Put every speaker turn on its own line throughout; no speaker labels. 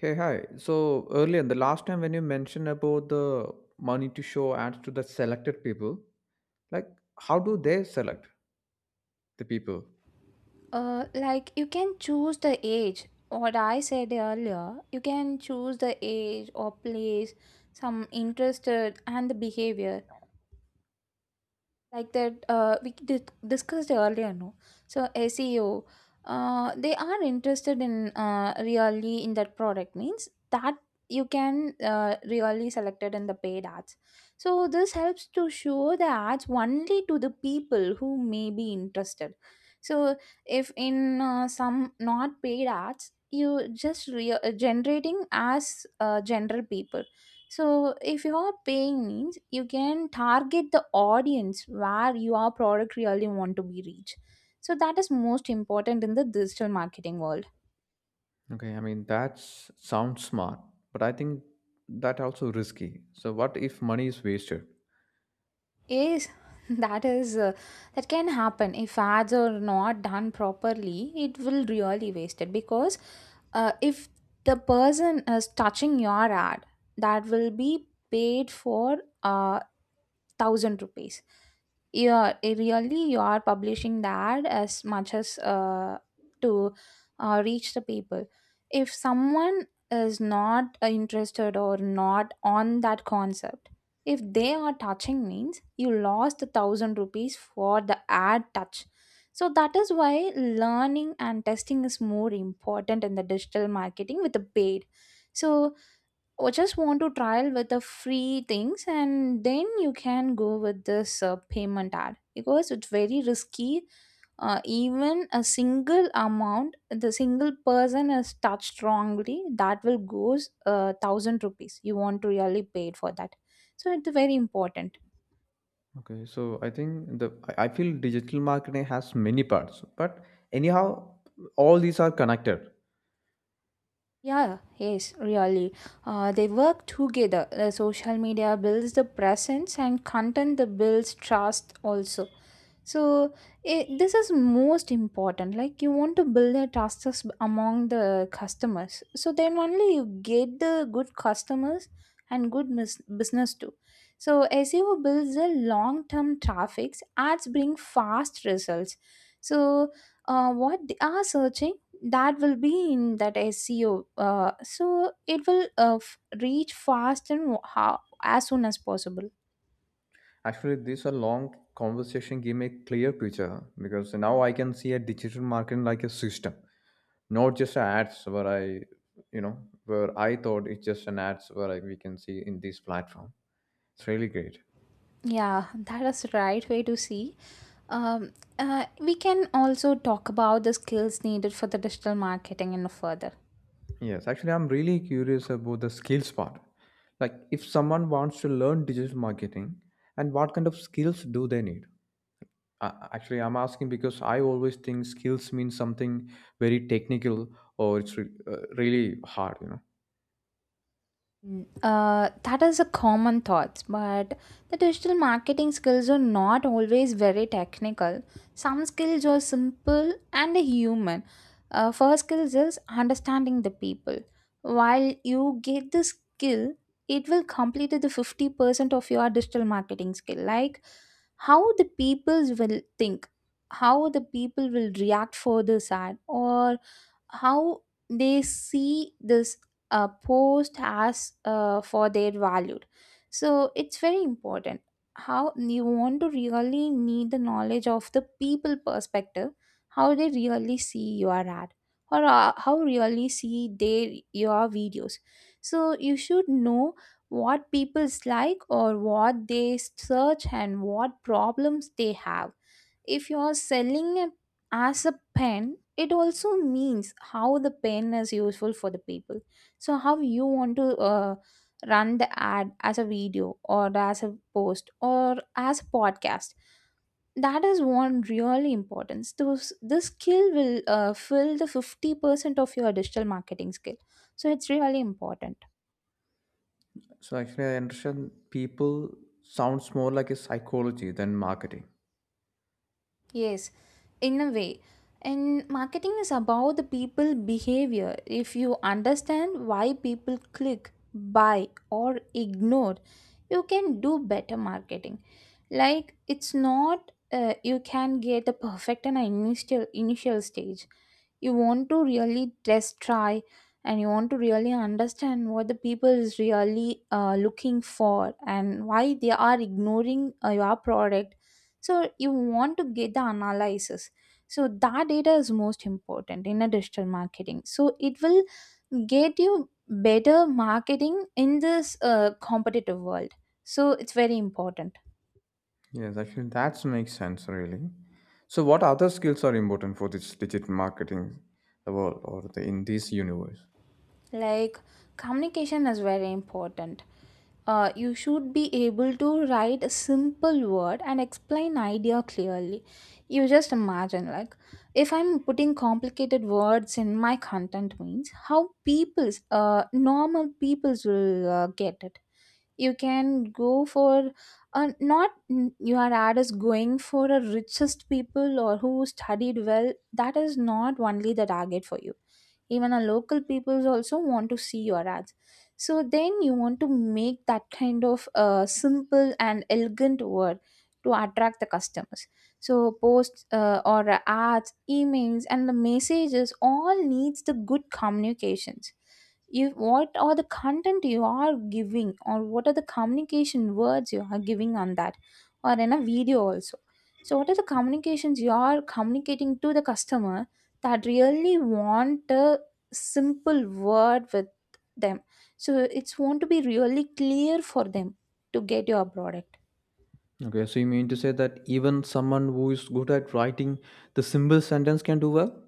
Hey, hi. So earlier, the last time when you mentioned about the money to show ads to the selected people, like how do they select the people?
Like you can choose the age. What I said earlier, you can choose the age or place, some interested and the behavior like that discussed earlier, no. So, seo, they are interested in, really in that product means that you can really select it in the paid ads. So this helps to show the ads only to the people who may be interested. So if in some not paid ads, you just generating as general people. So if you are paying means you can target the audience where your product really want to be reached. So that is most important in the digital marketing world.
Okay, I mean that sounds smart, but I think that also risky. So what if money is wasted?
Yes, that is uh, that can happen if ads are not done properly. It will really waste it, because if the person is touching your ad, that will be paid for. Uh, Thousand rupees, yeah, really you are publishing the ad as much as to reach the people. If someone is not interested or not on that concept, if they are touching means you lost the thousand rupees for the ad touch. So that is why learning and testing is more important in the digital marketing with the paid. So, or just want to trial with the free things and then you can go with this payment ad, because it's very risky. Even a single amount, the single person is touched wrongly, that will goes thousand rupees you want to really pay it for that. So it's very important.
Okay, so I think the I feel digital marketing has many parts, but anyhow, all these are connected.
Yeah, yes, really, they work together. The social media builds the presence and content the builds trust also. So this is most important. Like, you want to build a trust us among the customers. So then only you get the good customers and good business too. So SEO builds the long term traffics. Ads bring fast results. So, what they are searching, that will be in that SEO. So it will reach fast and as soon as possible.
Actually, this a long conversation gave me a clear picture because now I can see a digital marketing like a system, not just ads where I, you know, where I thought it's just an ads where I, we can see in this platform. It's really great.
Yeah, that is the right way to see. Um, we can also talk about the skills needed for the digital marketing in further.
Yes, actually, I'm really curious about the skills part. Like, if someone wants to learn digital marketing, and what kind of skills do they need? Actually, I'm asking because I always think skills mean something very technical or it's really hard, you know.
Mm. That is a common thought, but the digital marketing skills are not always very technical. Some skills are simple and human. First skills is understanding the people. While you get the skill, it will complete the 50% of your digital marketing skill, like how the people will think, how the people will react for this ad, or how they see this post as for their valued. So it's very important how you want to really need the knowledge of the people perspective, how they really see your ad, or how really see their your videos. So you should know what people's like or what they search and what problems they have. If you are selling a as a pen, it also means how the pen is useful for the people. So how you want to run the ad as a video or as a post or as a podcast. That is one really importance. Those this skill will fill the 50% of your digital marketing skill. So it's really important.
So actually, I understand people sounds more like a psychology than marketing.
Yes, in a way. And marketing is about the people behavior. If you understand why people click, buy, or ignore, you can do better marketing. Like it's not you can get the perfect and initial stage. You want to really test, try, and you want to really understand what the people is really looking for and why they are ignoring your product. So you want to get the analysis. So that data is most important in a digital marketing, so it will get you better marketing in this competitive world. So it's very important.
Yes, actually, that makes sense really. So, what other skills are important for this digital marketing, the world or in this universe?
Like, communication is very important. You should be able to write a simple word and explain idea clearly. You just imagine, like, if I'm putting complicated words in my content means how people's normal people's will get it. You can go for not n- your ad is going for a richest people or who studied well. That is not only the target for you. Even our local peoples also want to see your ads. So then you want to make that kind of simple and elegant word to attract the customers. So posts or ads, emails and the messages all needs the good communications. If what are the content you are giving or what are the communication words you are giving on that, or in a video also. So what are the communications you are communicating to the customer that really want a simple word with them. So it's want to be really clear for them to get your product.
Okay, so you mean to say that even someone who is good at writing the simple sentence can do well?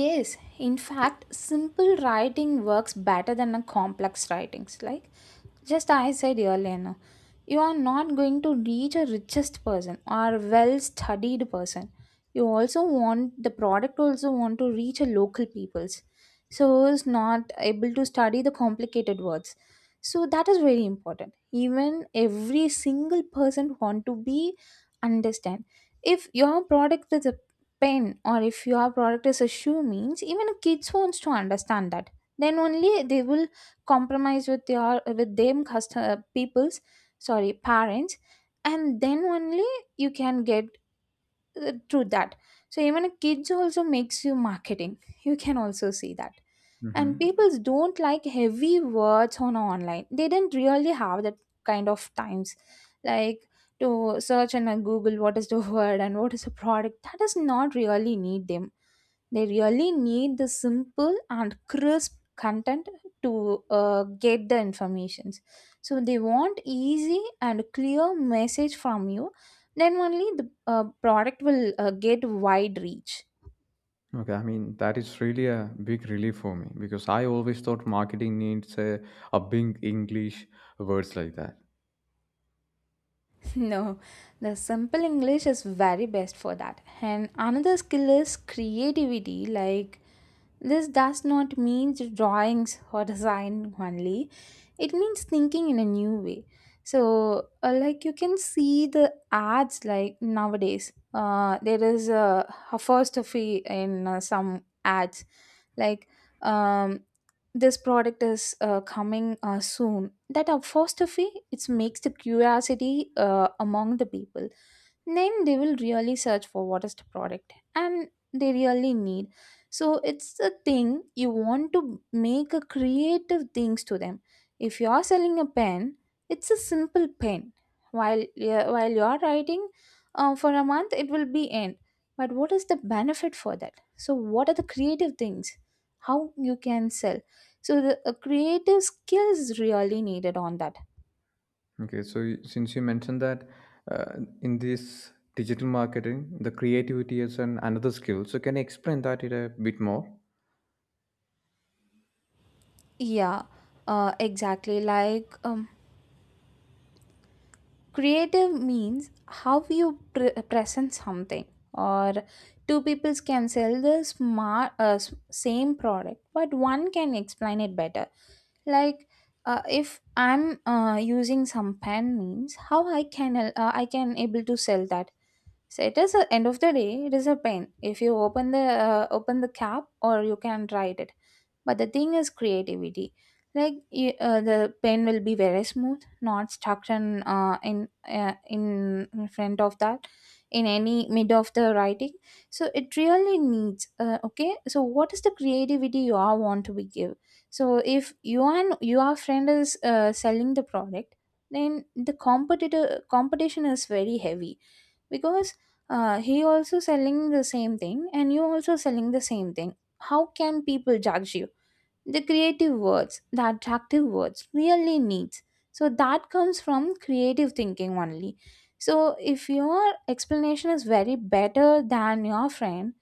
Yes, in fact simple writing works better than a complex writings, like, just I said earlier, no, you are not going to reach a richest person or well studied person. You also want the product also want to reach a local peoples. So is not able to study the complicated words. So that is very important. Even every single person want to be understand. If your product is a pen or if your product is a shoe means even kids wants to understand that. Then only they will compromise with your with them custom people's, sorry, parents, and then only you can get true that. So even kids also makes you marketing, you can also see that. And
Hmm.
people don't like heavy words on online. They didn't really have that kind of times, like, to search and on google what is the word and what is the product that does not really need them. They really need the simple and crisp content to get the informations. So they want easy and clear message from you. Then only the product will get wide reach.
Okay, I mean that is really a big relief for me because I always thought marketing needs a big English words like that.
No, the simple English is very best for that. And another skill is creativity, like, this does not mean drawings or design only. It means thinking in a new way. So, like you can see the ads like nowadays. There is a apostrophe in some ads, like, um, this product is coming soon. That apostrophe it makes the curiosity among the people. Then they will really search for what is the product and they really need. So it's a thing you want to make a creative things to them. If you are selling a pen, it's a simple pen. While, yeah, while you are writing for a month, it will be end. But what is the benefit for that? So what are the creative things, how you can sell? So the creative skill is really needed on that.
Okay, so you- since you mentioned that uh, in this digital marketing, the creativity is another skill. So can you explain that it a bit more?
Yeah, exactly, like, creative means how you present something, or two people can sell the same product, but one can explain it better. Like, if I'm using some pen means how I can able to sell that. So it is a end of the day, it is a pen. If you open the cap, or you can write it, but the thing is creativity, like, the pen will be very smooth, not stuck in uh, in uh, in in front of that, in any mid of the writing. So it really needs okay, so what is the creativity you are want to be give. So if you and your friend is selling the product, then the competitor competition is very heavy, because he also selling the same thing and you also selling the same thing. How can people judge you? The creative words, the attractive words really needs. So that comes from creative thinking only. So if your explanation is very better than your friend,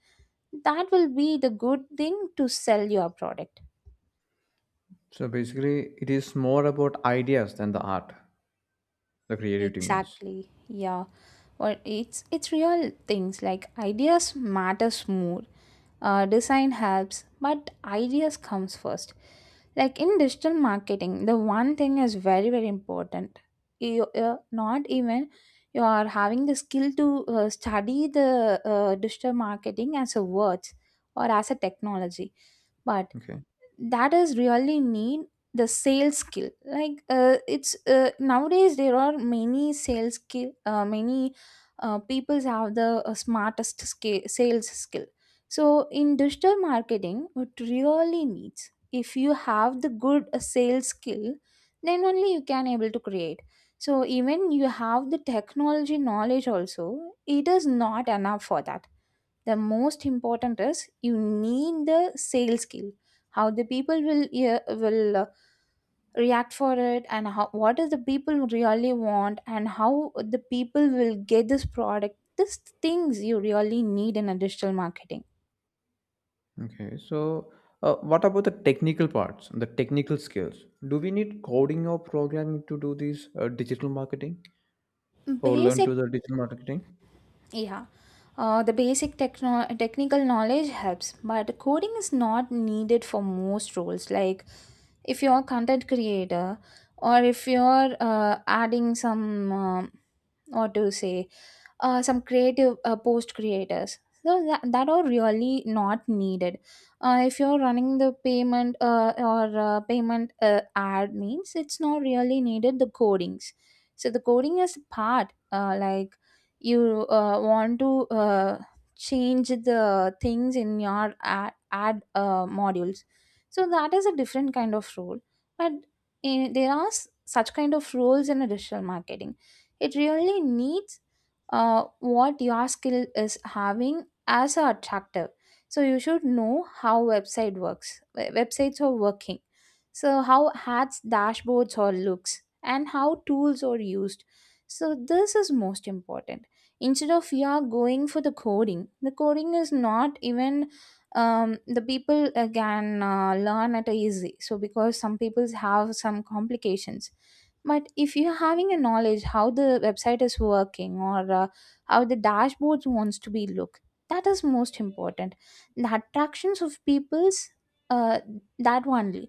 that will be the good thing to sell your product.
So basically, it is more about ideas than the art. The creativity means.
Exactly. Yeah. Or it's real things, like ideas matters more, design helps but ideas comes first. Like in digital marketing, the one thing is very very important. You, not even you are having the skill to study the digital marketing as a words or as a technology, but
Okay.
that is really need the sales skill. Like it's nowadays there are many sales skill, many people have the smartest skill, sales skill. So in digital marketing it really needs, if you have the good sales skill, then only you can able to create. So even you have the technology knowledge also, it is not enough for that. The most important is you need the sales skill, how the people will, yeah, will react for it, and how what is the people really want, and how the people will get this product. These things you really need in a digital marketing.
Okay. So what about the technical parts, the technical skills? Do we need coding or programming to do this digital marketing or learn
Basic.
to the digital marketing?
Yeah. The basic technical knowledge helps, but coding is not needed for most roles. Like, if you're a content creator, or if you're adding some or to say some creative post creators, so that are really not needed. If you're running the payment, or payment ad means, it's not really needed the codings. So the coding is part, like, you want to change the things in your ad modules, so that is a different kind of role. But there are such kind of roles in a digital marketing, it really needs what your skill is having as a attractive. So you should know how website works, websites are working. So how ads, dashboards or looks, and how tools are used. So this is most important. Instead of you are going for the coding is not even. The people can learn at a easy. So because some people have some complications, but if you're having a knowledge how the website is working, or how the dashboards wants to be look, that is most important. The attractions of people's, uh, that only.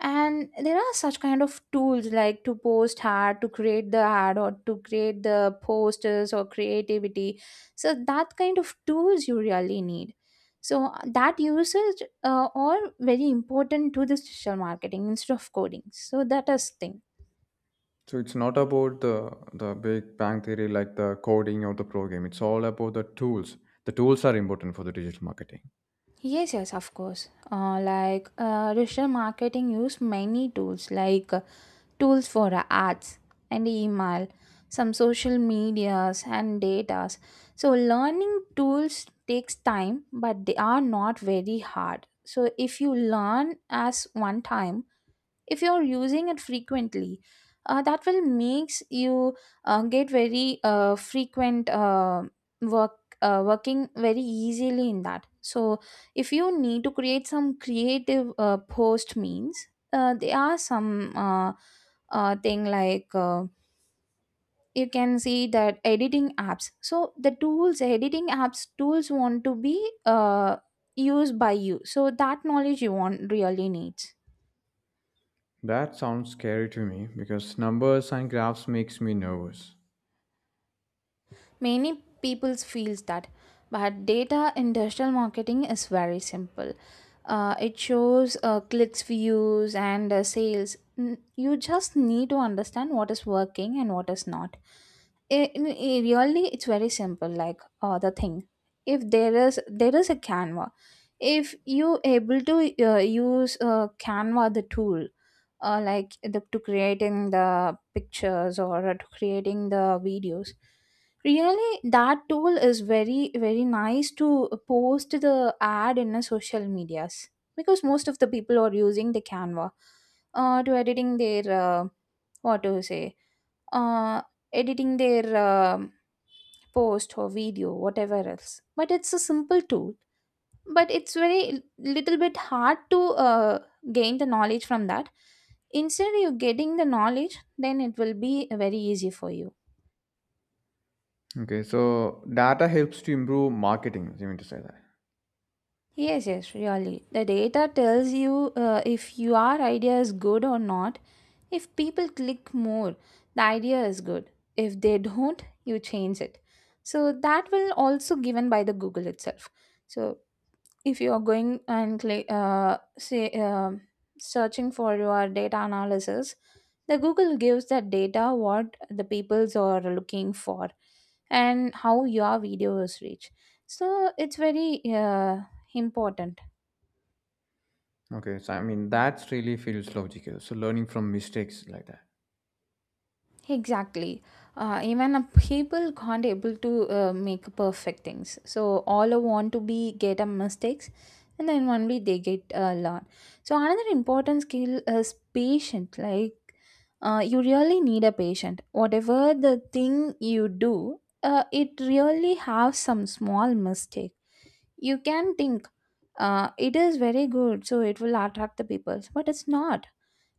And there are such kind of tools, like to post ad, to create the ad, or to create the posters or creativity. So that kind of tools you really need. So that usage are very important to the social marketing instead of coding. So that is thing.
So it's not about the Big Bang Theory like the coding or the program. It's all about the tools. The tools are important for the digital marketing.
Yes, yes, of course. Like, digital marketing use many tools, like tools for ads and email, some social medias and datas. So learning tools takes time, but they are not very hard. So if you learn as one time, if you're using it frequently, that will makes you get very frequent work working very easily in that. So if you need to create some creative post means, there are some thing like, you can see that editing apps. So the tools editing apps tools want to be uh, used by you, so that knowledge you want really needs.
That sounds scary to me because numbers and graphs makes me nervous.
Many people feels that, but data in digital marketing is very simple. It shows clicks, views, and sales. You just need to understand what is working and what is not. Really, it's very simple. Like, the thing, if there is a Canva, if you able to use Canva the tool, like the, to creating the pictures or to creating the videos, really that tool is very very nice to post the ad in a social medias, because most of the people are using the Canva to editing their, what do you say, uh, editing their post or video, whatever else. But it's a simple tool, but it's very little bit hard to uh, gain the knowledge from that. Instead you getting the knowledge, then it will be very easy for you.
Okay, so data helps to improve marketing. You mean to say that?
Yes, yes, really the data tells you, if your idea is good or not. If people click more, the idea is good. If they don't, you change it. So that will also given by the Google itself. So if you are going and say, searching for your data analysis, the Google gives that data what the peoples are looking for, and how your videos reach. So it's very important.
Okay, so I mean that's really feels logical. So learning from mistakes like that.
Exactly. Even a people can't able to make perfect things. So all I want to be get a mistakes, and then only they get a lot. So another important skill is patient. Like, you really need a patient. Whatever the thing you do, it really have some small mistake. You can think it is very good, so it will attract the people, but it's not,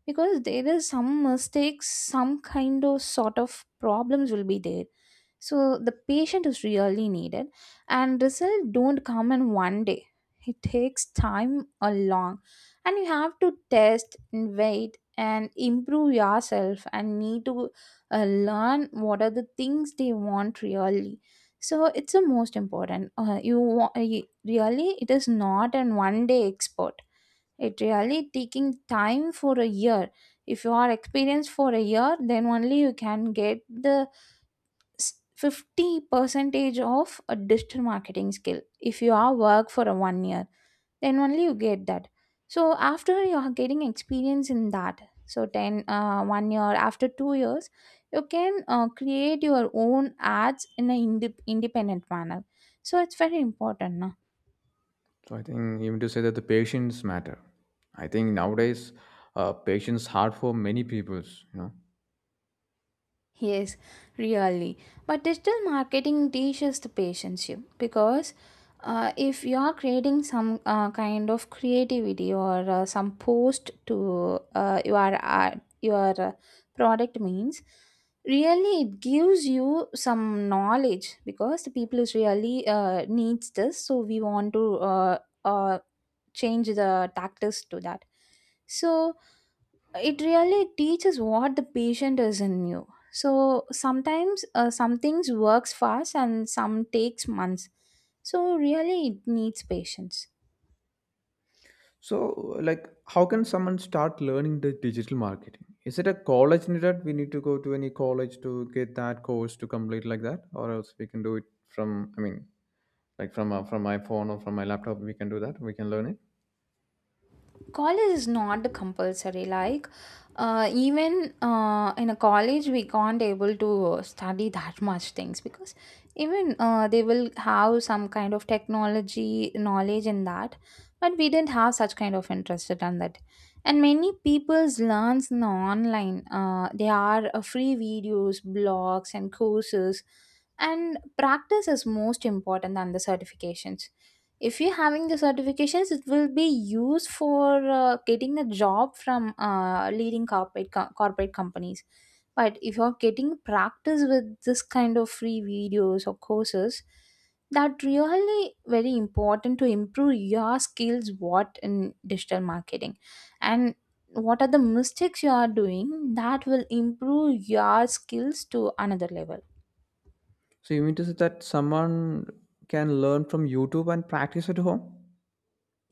because there is some mistakes, some kind of sort of problems will be there. So the patient is really needed, and result don't come in one day. It takes time along, and you have to test and wait and improve yourself and need to learn what are the things they want, really. So it's the most important. You really, it is not an one day expert. It really taking time for a year. If you are experienced for a year, then only you can get the 50 percentage of a digital marketing skill. If you are work for a 1 year, then only you get that. So after you are getting experience in that, so 10, 1 year, after 2 years, you can create your own ads in an independent manner. So it's very important.
So I think even to say that the patience matter. I think nowadays patience hard for many peoples. You know.
Yes, really. But digital marketing teaches the patience you, because if you are creating some kind of creativity, or some post to your ad, your product means, really it gives you some knowledge, because the people is really needs this. So we want to uh, change the tactics to that. So it really teaches what the patient is in you. So sometimes, some things works fast and some takes months. So really it needs patience.
So, like, how can someone start learning the digital marketing? Is it a college needed? We need to go to any college to get that course to complete like that, or else we can do it from. I mean, like from my phone or from my laptop, we can do that. We can learn it.
College is not compulsory. Like, even in a college we can't able to study that much things, because even they will have some kind of technology knowledge in that, but we didn't have such kind of interest on that. And many people's learns in the online, they are free videos, blogs and courses. And practice is most important than the certifications. If you're having the certifications, it will be used for getting a job from leading corporate companies. But if you're getting practice with this kind of free videos or courses, that really very important to improve your skills what in digital marketing. And what are the mistakes you are doing, that will improve your skills to another level.
So you mean to say that someone can learn from YouTube and practice at home?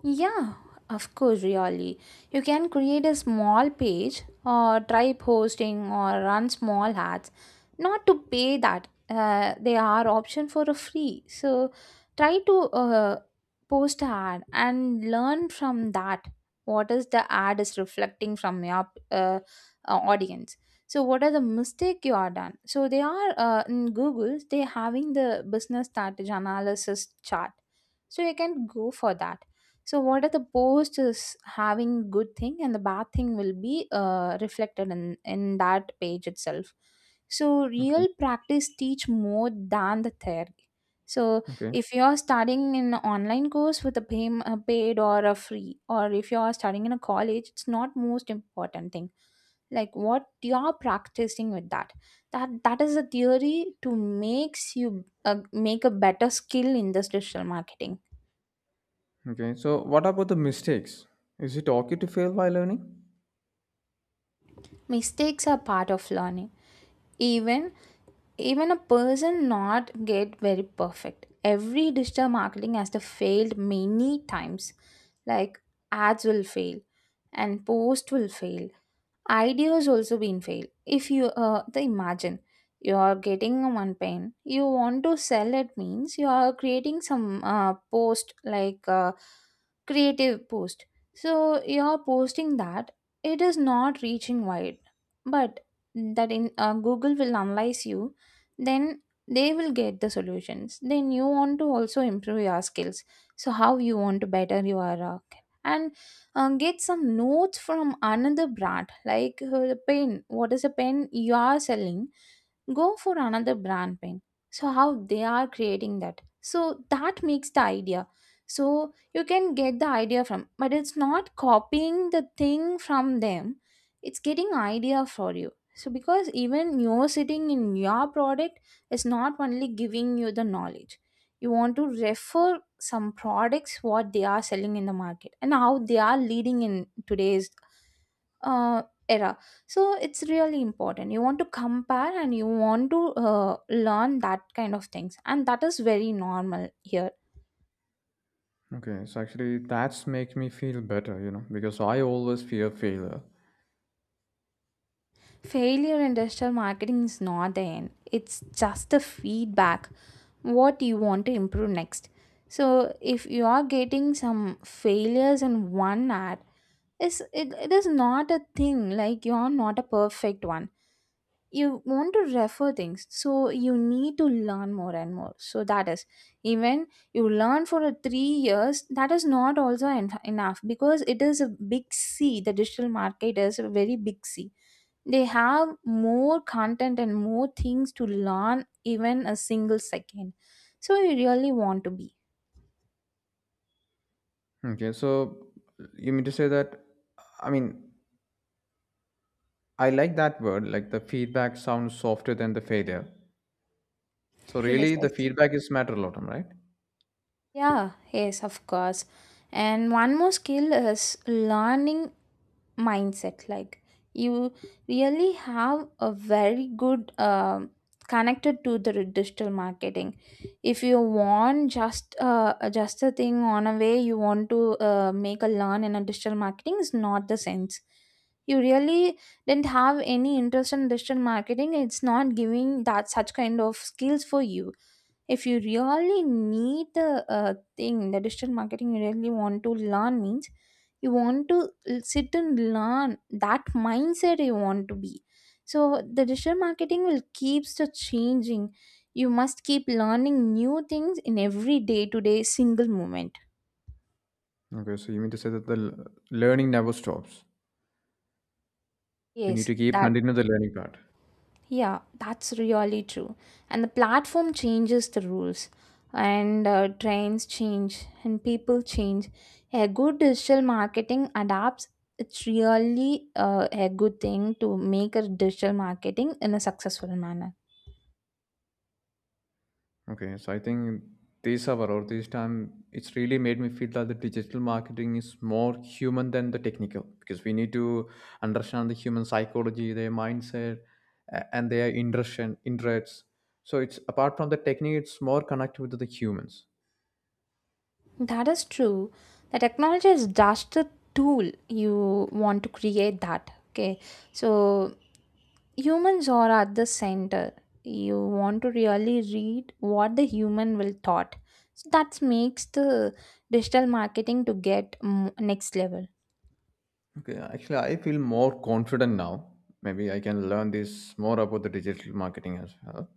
Yeah, of course, really. You can create a small page or try posting or run small ads. Not to pay that, they are option for a free. So try to post ad and learn from that. What is the ad is reflecting from your uh, audience? So what are the mistake you are done? So they are in Google. They having the business strategy analysis chart. So you can go for that, so what are the post is having good thing and the bad thing will be reflected in that page itself. So
Okay.
real practice teach more than the theory. So
Okay.
if you are studying in an online course with a pay, a paid or a free, or if you are studying in a college, it's not most important thing, like what you are practicing with that. That is a theory to makes you make a better skill in this digital marketing.
Okay. So what about the mistakes? Is it okay to fail while learning?
Mistakes are part of learning. Even even a person not get very perfect, every digital marketing has to failed many times. Like, ads will fail, and post will fail. Ideas also been failed. If you the imagine you are getting one pen, you want to sell it means, you are creating some post, like creative post. So you are posting that, it is not reaching wide, but that in Google will analyze you, then they will get the solutions. Then you want to also improve your skills. So how you want to better your, and get some notes from another brand, like pen, what is a pen you are selling, go for another brand pen. So how they are creating that, so that makes the idea. So you can get the idea from, but it's not copying the thing from them. It's getting idea for you, so because even you're sitting in your product is not only giving you the knowledge. You want to refer some products what they are selling in the market and how they are leading in today's uh, era. So it's really important, you want to compare and you want to learn that kind of things, and that is very normal here.
Okay, so actually that's make me feel better, you know, because I always fear failure.
Failure in digital marketing is not the end, it's just the feedback what you want to improve next. So if you are getting some failures in one ad, it is not a thing like you are not a perfect one. You want to refer things, so you need to learn more and more. So that is, even you learn for a 3 years, that is not also enough, because it is a big C. The digital market is a very big C, they have more content and more things to learn even a single second. So you really want to be.
Okay, so you mean to say that, I mean, I like that word, like the feedback sounds softer than the failure. So
Yes,
really,
yes.
the feedback is matter a lot, right?
Yeah, yes, of course. And one more skill is learning mindset, like you really have a very good connected to the digital marketing. If you want just a thing on a way, you want to make a learn in a digital marketing, is not the sense. You really didn't have any interest in digital marketing, it's not giving that such kind of skills for you. If you really need the thing, the digital marketing, you really want to learn means you want to sit and learn. That mindset you want to be. So the digital marketing will keeps the changing. You must keep learning new things in every day to day single moment.
Okay, so you mean to say that learning never stops. We need
Yes,
to keep
that.
continue the learning part.
Yeah, that's really true. And the platform changes the rules, and trends change, and people change. A good digital marketing adapts. It's really a good thing to make a digital marketing in a successful manner.
Okay, so I think this hour or this time, it's really made me feel that the digital marketing is more human than the technical because we need to understand the human psychology, their mindset, and their interests. Interests. So it's apart from the technique, it's more connected with the humans.
That is true. The technology is just a tool you want to create that. Okay, so humans are at the center. You want to really read what the human will thought, so that makes the digital marketing to get next level.
Okay, actually, I feel more confident now. Maybe I can learn this more about the digital marketing as well.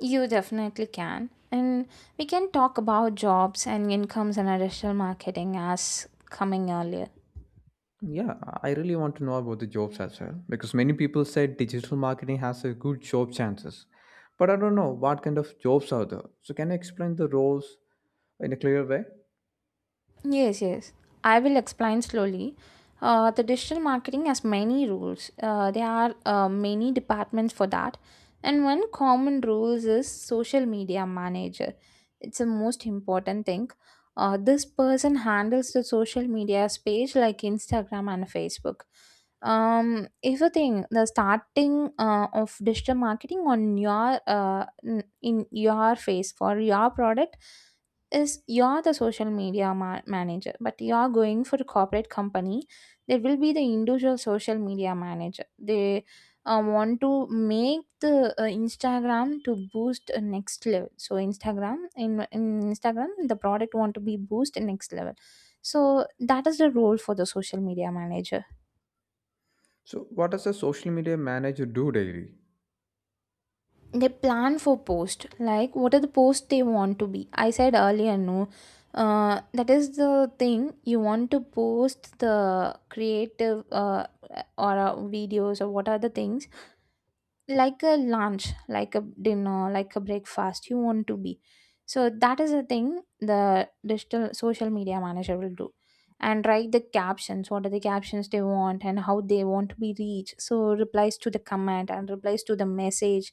You definitely can, and we can talk about jobs and incomes and our digital marketing as coming earlier.
Yeah, I really want to know about the jobs as well because many people said digital marketing has a good job chances, but I don't know what kind of jobs are there. So can you explain the roles in a clear way?
Yes, yes. I will explain slowly. The digital marketing has many rules. There are many departments for that. And one common rule is social media manager. It's the most important thing. This person handles the social media page like Instagram and Facebook. If you think the starting of digital marketing on your in your face for your product is you're the social media manager. But you're going for a corporate company, there will be the individual social media manager. They want to make the Instagram to boost next level. So Instagram in Instagram, the product want to be boost next level. So that is the role for the social media manager.
So what does a social media manager do daily?
They plan for post, like what are the posts they want to be. I said earlier, no, that is the thing you want to post, the creative or videos, or what are the things like a lunch, like a dinner, like a breakfast you want to be. So that is the thing the digital social media manager will do. And write the captions, what are the captions they want and how they want to be reached. So replies to the comment and replies to the message,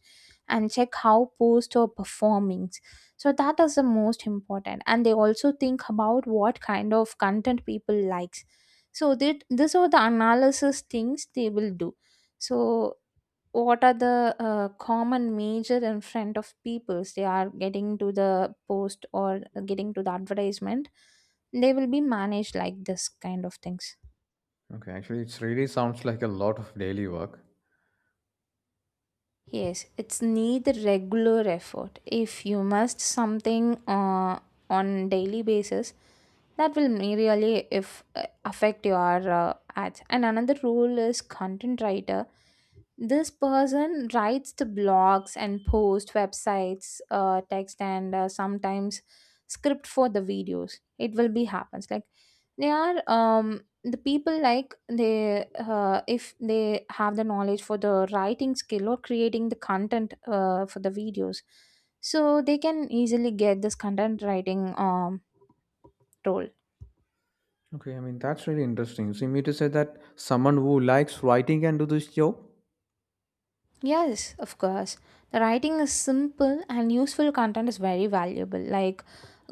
and check how posts are performing. So that is the most important. And they also think about what kind of content people likes. So that these are the analysis things they will do. So what are the common major in front of peoples, they are getting to the post or getting to the advertisement. They will be managed like this kind of things.
Okay, actually, it really sounds like a lot of daily work.
Yes, it's need regular effort if you must something on daily basis. That will may really if affect your ads. And another rule is content writer. This person writes the blogs and posts websites text and sometimes script for the videos. It will be happens like they are the people, like they if they have the knowledge for the writing skill or creating the content for the videos. So they can easily get this content writing role.
Okay, I mean that's really interesting. So you mean to say that someone who likes writing can do this job?
Yes, of course. The writing is simple and useful content is very valuable. Like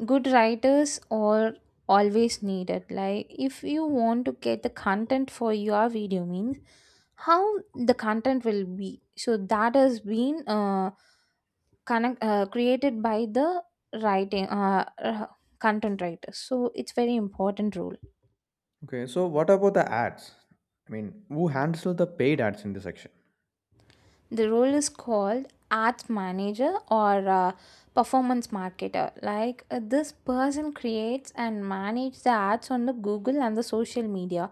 good writers are always needed. Like if you want to get the content for your video means how the content will be. So that has been created by the writing content writers. So it's very important role.
Okay, so what about the ads? I mean, who handles the paid ads in this section?
The role is called ads manager or performance marketer. Like this person creates and manages the ads on the Google and the social media.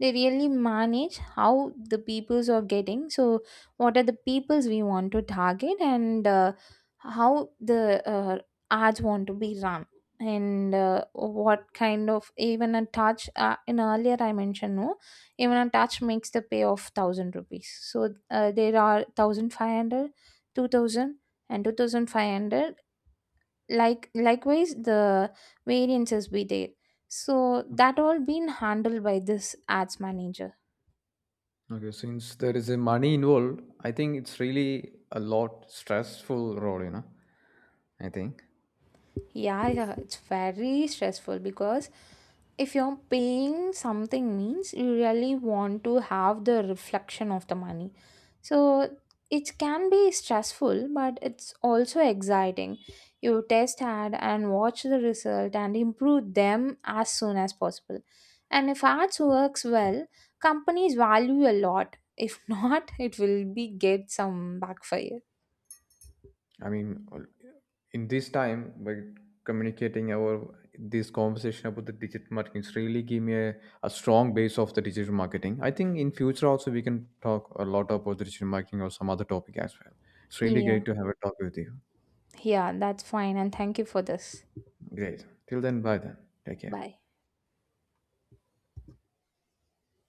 They really manage how the peoples are getting. So what are the peoples we want to target, and how the ads want to be run, and what kind of even a touch, in earlier I mentioned. No, even a touch makes the pay of 1000 rupees. So there are 1500, 2000, and 2500. Like likewise the variances be there, so that all been handled by this ads manager.
Okay, since there is a money involved, I think it's really a lot stressful role, you know. I think.
Yeah, yeah, it's very stressful because if you're paying something means you really want to have the reflection of the money. So it can be stressful, but it's also exciting. You test ad and watch the result and improve them as soon as possible. And if ads works well, companies value a lot. If not, it will be get some backfire.
I mean, in this time, by communicating our this conversation about the digital marketing, it's really give me a strong base of the digital marketing. I think in future also we can talk a lot about the digital marketing or some other topic as well. It's really
Yeah.
great to have a talk with you.
Yeah, that's fine, and thank you for this.
Great. Till then, bye then. Take care.
Bye.